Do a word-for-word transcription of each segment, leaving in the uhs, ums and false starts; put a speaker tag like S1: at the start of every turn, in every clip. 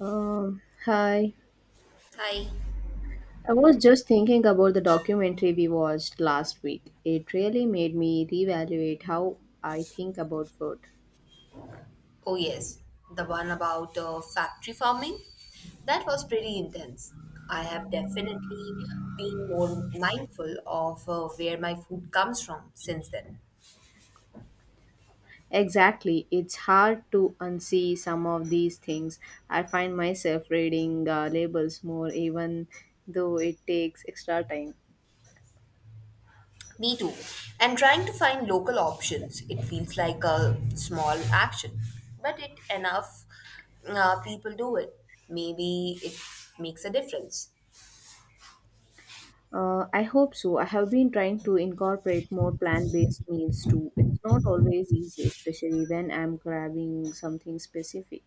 S1: Um, hi.
S2: Hi.
S1: I was just thinking about the documentary we watched last week. It really made me reevaluate how I think about food.
S2: Oh, yes. The one about uh, factory farming. That was pretty intense. I have definitely been more mindful of uh, where my food comes from since then.
S1: Exactly. It's hard to unsee some of these things. I find myself reading uh, labels more, even though it takes extra time.
S2: Me too. And trying to find local options. It feels like a small action, but it enough uh, people do it. Maybe it makes a difference.
S1: Uh, I hope so. I have been trying to incorporate more plant based meals too. It's not always easy, especially when I'm grabbing something specific.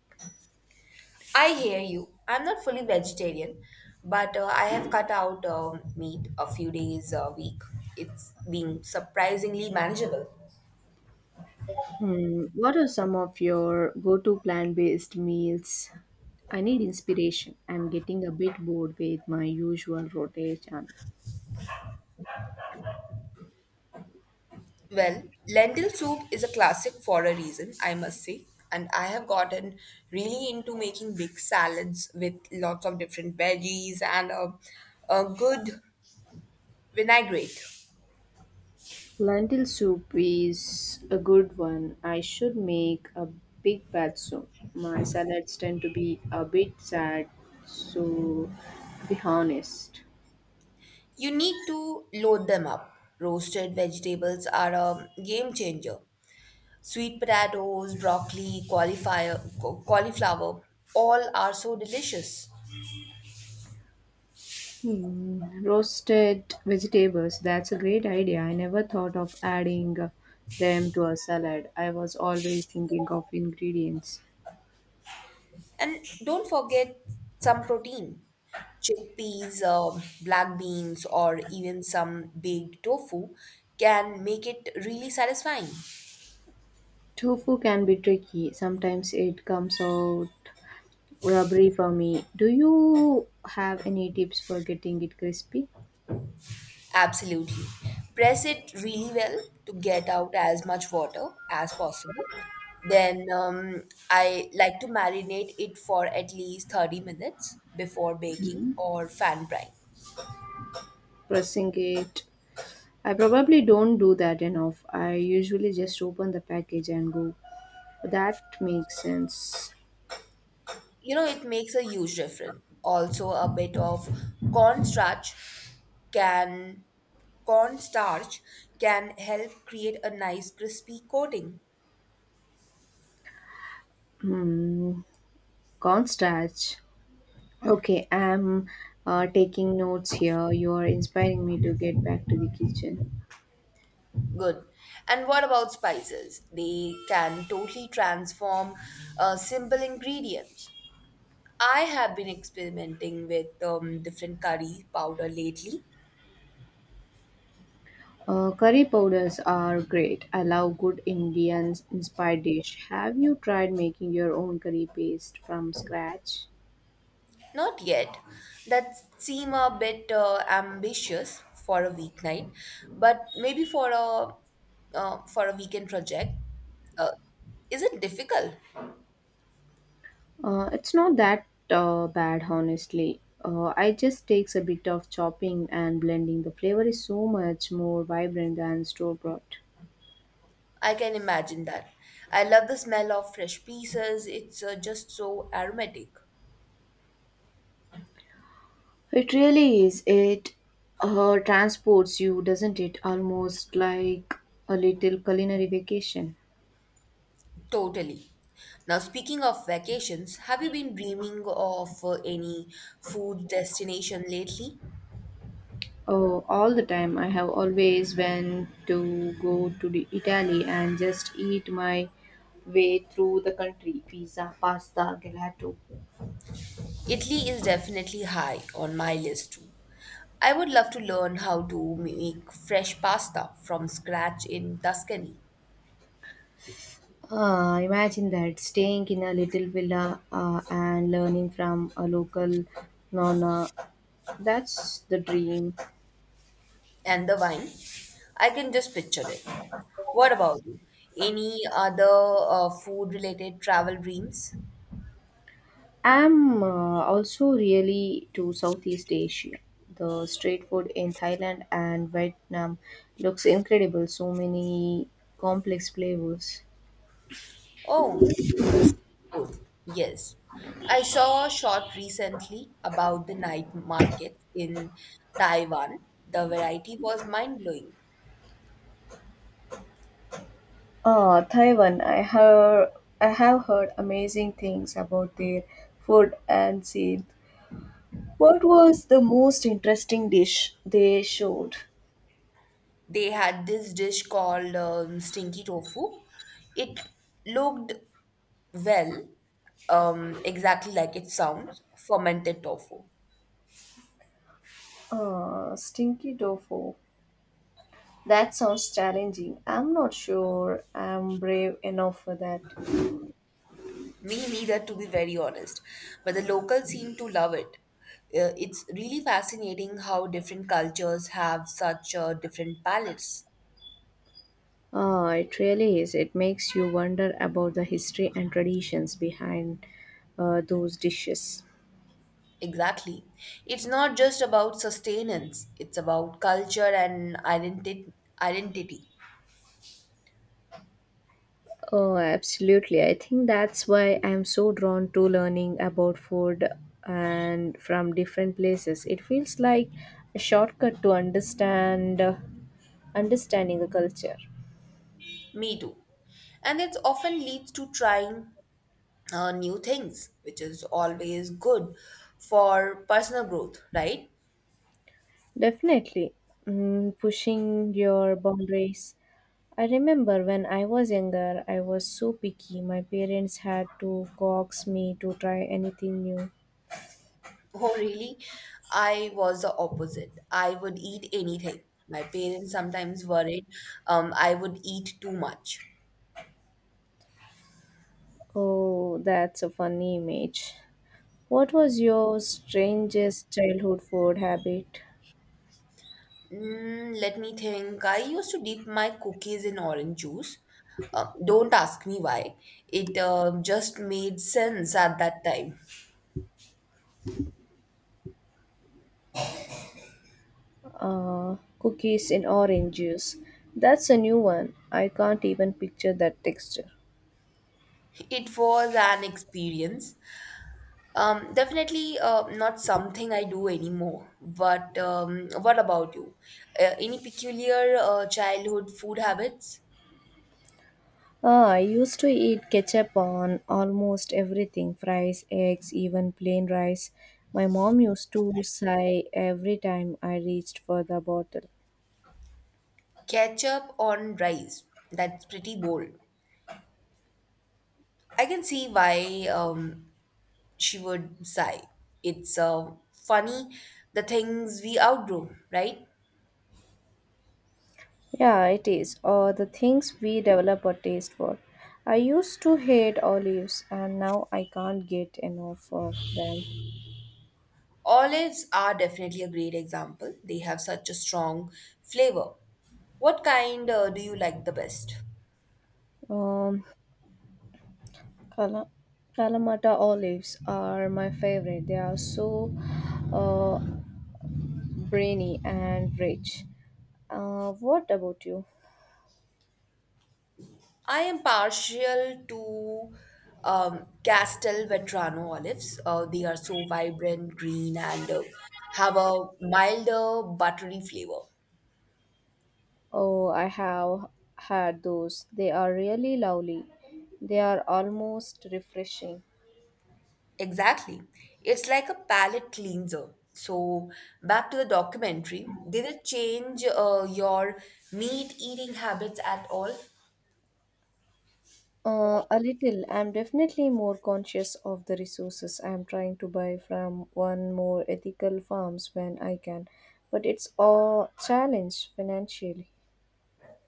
S2: I hear you. I'm not fully vegetarian, but uh, I have cut out um meat a few days a week. It's been surprisingly manageable.
S1: Hmm, what are some of your go-to plant-based meals? I need inspiration. I'm getting a bit bored with my usual rotation.
S2: Well, lentil soup is a classic for a reason, I must say. And I have gotten really into making big salads with lots of different veggies and a, a good vinaigrette.
S1: Lentil soup is a good one. I should make a big batch soon. My salads tend to be a bit sad, so to be honest.
S2: You need to load them up. Roasted vegetables are a game changer. Sweet potatoes, broccoli, cauliflower, cauliflower, all are so delicious.
S1: Hmm, roasted vegetables, that's a great idea. I never thought of adding them to a salad. I was always thinking of ingredients.
S2: And don't forget some protein chickpeas, uh, black beans, or even some baked tofu can make it really satisfying.
S1: Tofu can be tricky. Sometimes it comes out rubbery for me. Do you have any tips for getting it crispy?
S2: Absolutely. Press it really well to get out as much water as possible. Then um, I like to marinate it for at least thirty minutes before baking or fan frying.
S1: Pressing it. I probably don't do that enough. I usually just open the package and go. That makes sense.
S2: You know it makes a huge difference. Also a bit of cornstarch can cornstarch can help create a nice crispy coating.
S1: Hmm. Cornstarch. Okay, I'm uh, taking notes here. You are inspiring me to get back to the kitchen.
S2: Good. And what about spices? They can totally transform uh, simple ingredients. I have been experimenting with um, different curry powder lately.
S1: Uh, curry powders are great. I love good Indian inspired dish. Have you tried making your own curry paste from scratch?
S2: Not yet. That seem a bit uh, ambitious for a weeknight, but maybe for a uh, for a weekend project. Uh, is it difficult?
S1: Uh, it's not that uh, bad, honestly. Uh, it just takes a bit of chopping and blending. The flavor is so much more vibrant than store bought.
S2: I can imagine that. I love the smell of fresh pieces. It's uh, just so aromatic.
S1: It really is. It uh, transports you, doesn't it? Almost like a little culinary vacation.
S2: Totally. Now, speaking of vacations, have you been dreaming of uh, any food destination lately?
S1: Oh, all the time. I have always went to go to the Italy and just eat my way through the country. Pizza, pasta, gelato.
S2: Italy is definitely high on my list too. I would love to learn how to make fresh pasta from scratch in Tuscany.
S1: Uh, imagine that staying in a little villa uh, and learning from a local nonna. That's the dream.
S2: And the wine, I can just picture it. What about you? Any other uh, food related travel dreams?
S1: I'm uh, also really to Southeast Asia. The street food in Thailand and Vietnam looks incredible. So many complex flavors.
S2: Oh, the street food. Yes. I saw a short recently about the night markets in Taiwan. The variety was mind blowing.
S1: Ah, Taiwan. I have I have heard amazing things about their food and scene. What was the most interesting dish they showed?
S2: They had this dish called um, stinky tofu. It looked well, um, exactly like it sounds, fermented tofu.
S1: Ah, stinky tofu. That sounds challenging. I'm not sure I'm brave enough for that.
S2: Me neither, to be very honest. But the locals seem to love it. Uh, it's really fascinating how different cultures have such uh, different palates.
S1: Ah, it really is. It makes you wonder about the history and traditions behind uh, those dishes.
S2: Exactly. It's not just about sustenance, it's about culture and identi- identity.
S1: Oh, absolutely. I think that's why I'm so drawn to learning about food and from different places. It feels like a shortcut to understand understanding the culture.
S2: Me too. And it often leads to trying uh, new things, which is always good for personal growth, right?
S1: Definitely. Mm, pushing your boundaries. I remember when I was younger, I was so picky. My parents had to coax me to try anything new.
S2: Oh, really? I was the opposite. I would eat anything. My parents sometimes worried um, I would eat too much.
S1: Oh, that's a funny image. What was your strangest childhood food habit?
S2: Mm, let me think. I used to dip my cookies in orange juice. Um, don't ask me why. It um just made sense at that time.
S1: Uh, cookies in orange juice. That's a new one. I can't even picture that texture.
S2: It was an experience. Um, definitely uh, not something I do anymore. But um, what about you? Uh, any peculiar uh, childhood food habits?
S1: Ah, I used to eat ketchup on almost everything fries, eggs, even plain rice. My mom used to sigh every time I reached for the bottle.
S2: Ketchup on rice. That's pretty bold. I can see why um, she would sigh. It's uh, funny the things we outgrow, right?
S1: Yeah, it is. Or the things we develop a taste for. I used to hate olives and now I can't get enough of them.
S2: Olives are definitely a great example. They have such a strong flavor. What kind uh, do you like the best?
S1: Um, Kala, Kalamata olives are my favorite. They are so uh, brainy and rich. Uh, what about you?
S2: I am partial to um, Castelvetrano olives. Uh, they are so vibrant, green, and uh, have a milder, buttery flavor.
S1: Oh, I have had those. They are really lovely. They are almost refreshing.
S2: Exactly. It's like a palate cleanser. So, back to the documentary. Did it change uh, your meat eating habits at all?
S1: Uh, a little. I'm definitely more conscious of the resources. I'm trying to buy from one more ethical farms when I can, but it's a challenge financially.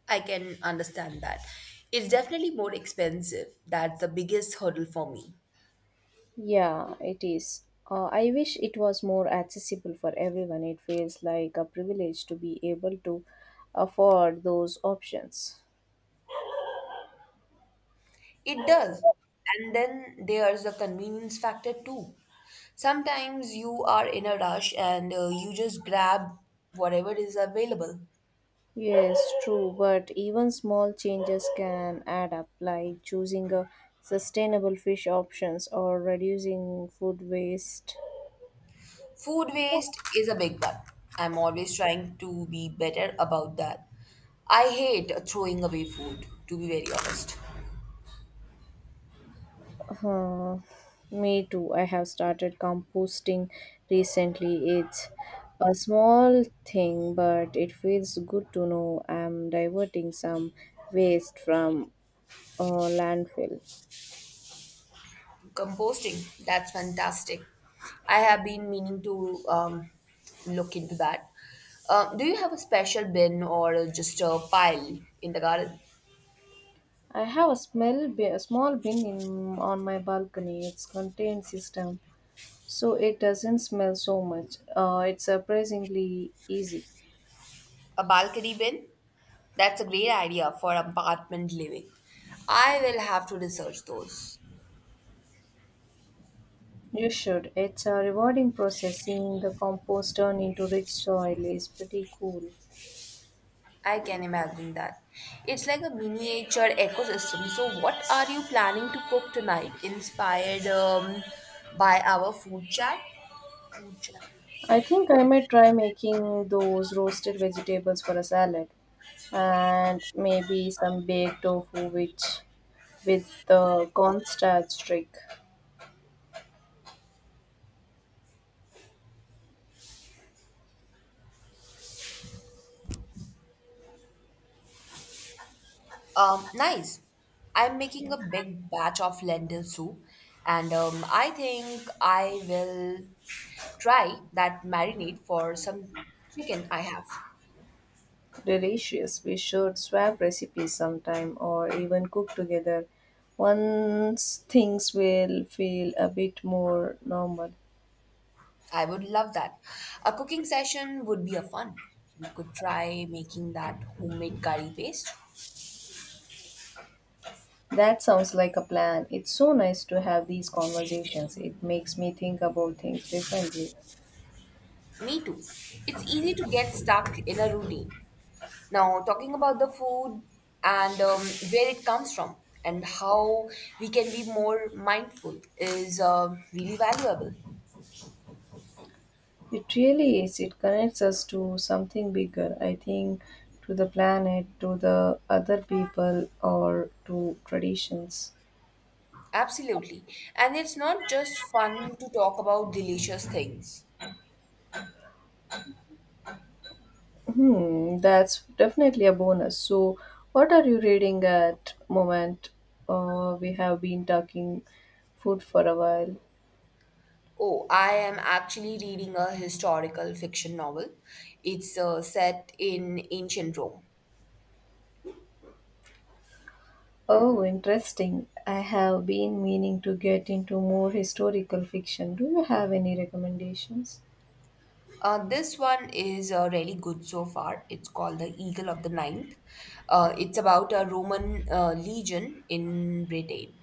S2: I can understand that. It's definitely more expensive. That's the biggest hurdle for me.
S1: Yeah, it is. Uh, I wish it was more accessible for everyone. It feels like a privilege to be able to afford those options.
S2: It does. And then there's the convenience factor too. Sometimes you are in a rush and uh, you just grab whatever is available.
S1: Yes, true, but even small changes can add up, like choosing a sustainable fish options or reducing food waste.
S2: Food waste is a big one. I'm always trying to be better about that. I hate throwing away food, to be very honest.
S1: Uh, Me too. I have started composting recently. It's a small thing, but it feels good to know I'm diverting some waste from a landfill.
S2: Composting, that's fantastic. I have been meaning to um, look into that. Um, do you have a special bin or just a pile in the garden?
S1: I have a small bin, a small bin in, on my balcony. It's contained system, so it doesn't smell so much. Uh, it's surprisingly easy.
S2: A balcony bin? That's a great idea for apartment living. I will have to research those.
S1: You should. It's a rewarding process. Seeing the compost turn into rich soil is pretty cool.
S2: I can imagine that. It's like a miniature ecosystem. So, what are you planning to cook tonight? Inspired um, by our food chat? Food chat.
S1: I think I might try making those roasted vegetables for a salad and maybe some baked tofu which with the cornstarch trick.
S2: Um, nice. I'm making a big batch of lentil soup, and um, I think I will try that marinade for some chicken I have.
S1: Delicious. We should swap recipes sometime or even cook together once things will feel a bit more normal.
S2: I would love that. A cooking session would be a fun. We could try making that homemade curry paste.
S1: That sounds like a plan. It's so nice to have these conversations. It makes me think about things differently.
S2: Me too. It's easy to get stuck in a routine. Now, talking about the food and um, where it comes from and how we can be more mindful is uh, really valuable.
S1: It really is. It connects us to something bigger, I think, to the planet, to the other people, or to traditions.
S2: Absolutely. And it's not just fun to talk about delicious things.
S1: Hmm, that's definitely a bonus. So, what are you reading at moment? Uh, we have been talking food for a while.
S2: Oh, I am actually reading a historical fiction novel. It's uh, set in ancient Rome.
S1: Oh, interesting. I have been meaning to get into more historical fiction. Do you have any recommendations?
S2: Uh, this one is uh, really good so far. It's called The Eagle of the Ninth. Uh, it's about a Roman uh, legion in Britain.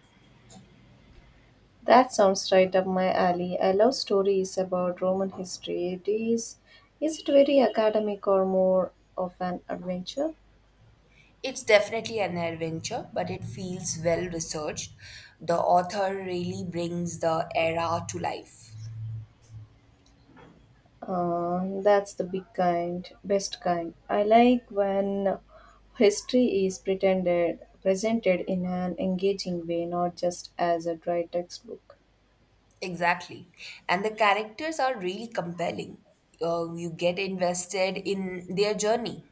S1: That sounds right up my alley. I love stories about Roman history. It is, is it very academic or more of an adventure?
S2: It's definitely an adventure, but it feels well researched. The author really brings the era to life.
S1: Uh, that's the big kind, best kind. I like when history is pretended, presented in an engaging way, not just as a dry textbook.
S2: Exactly. And the characters are really compelling. Uh, you get invested in their journey.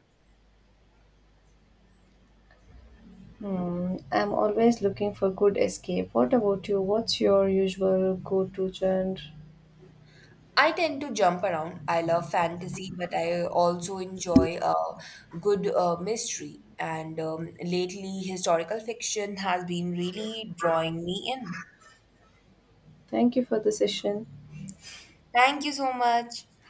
S1: Hmm, I'm always looking for good escape. What about you? What's your usual go-to genre?
S2: I tend to jump around. I love fantasy, but I also enjoy a good uh, mystery. And um, lately, historical fiction has been really drawing me in.
S1: Thank you for the session.
S2: Thank you so much.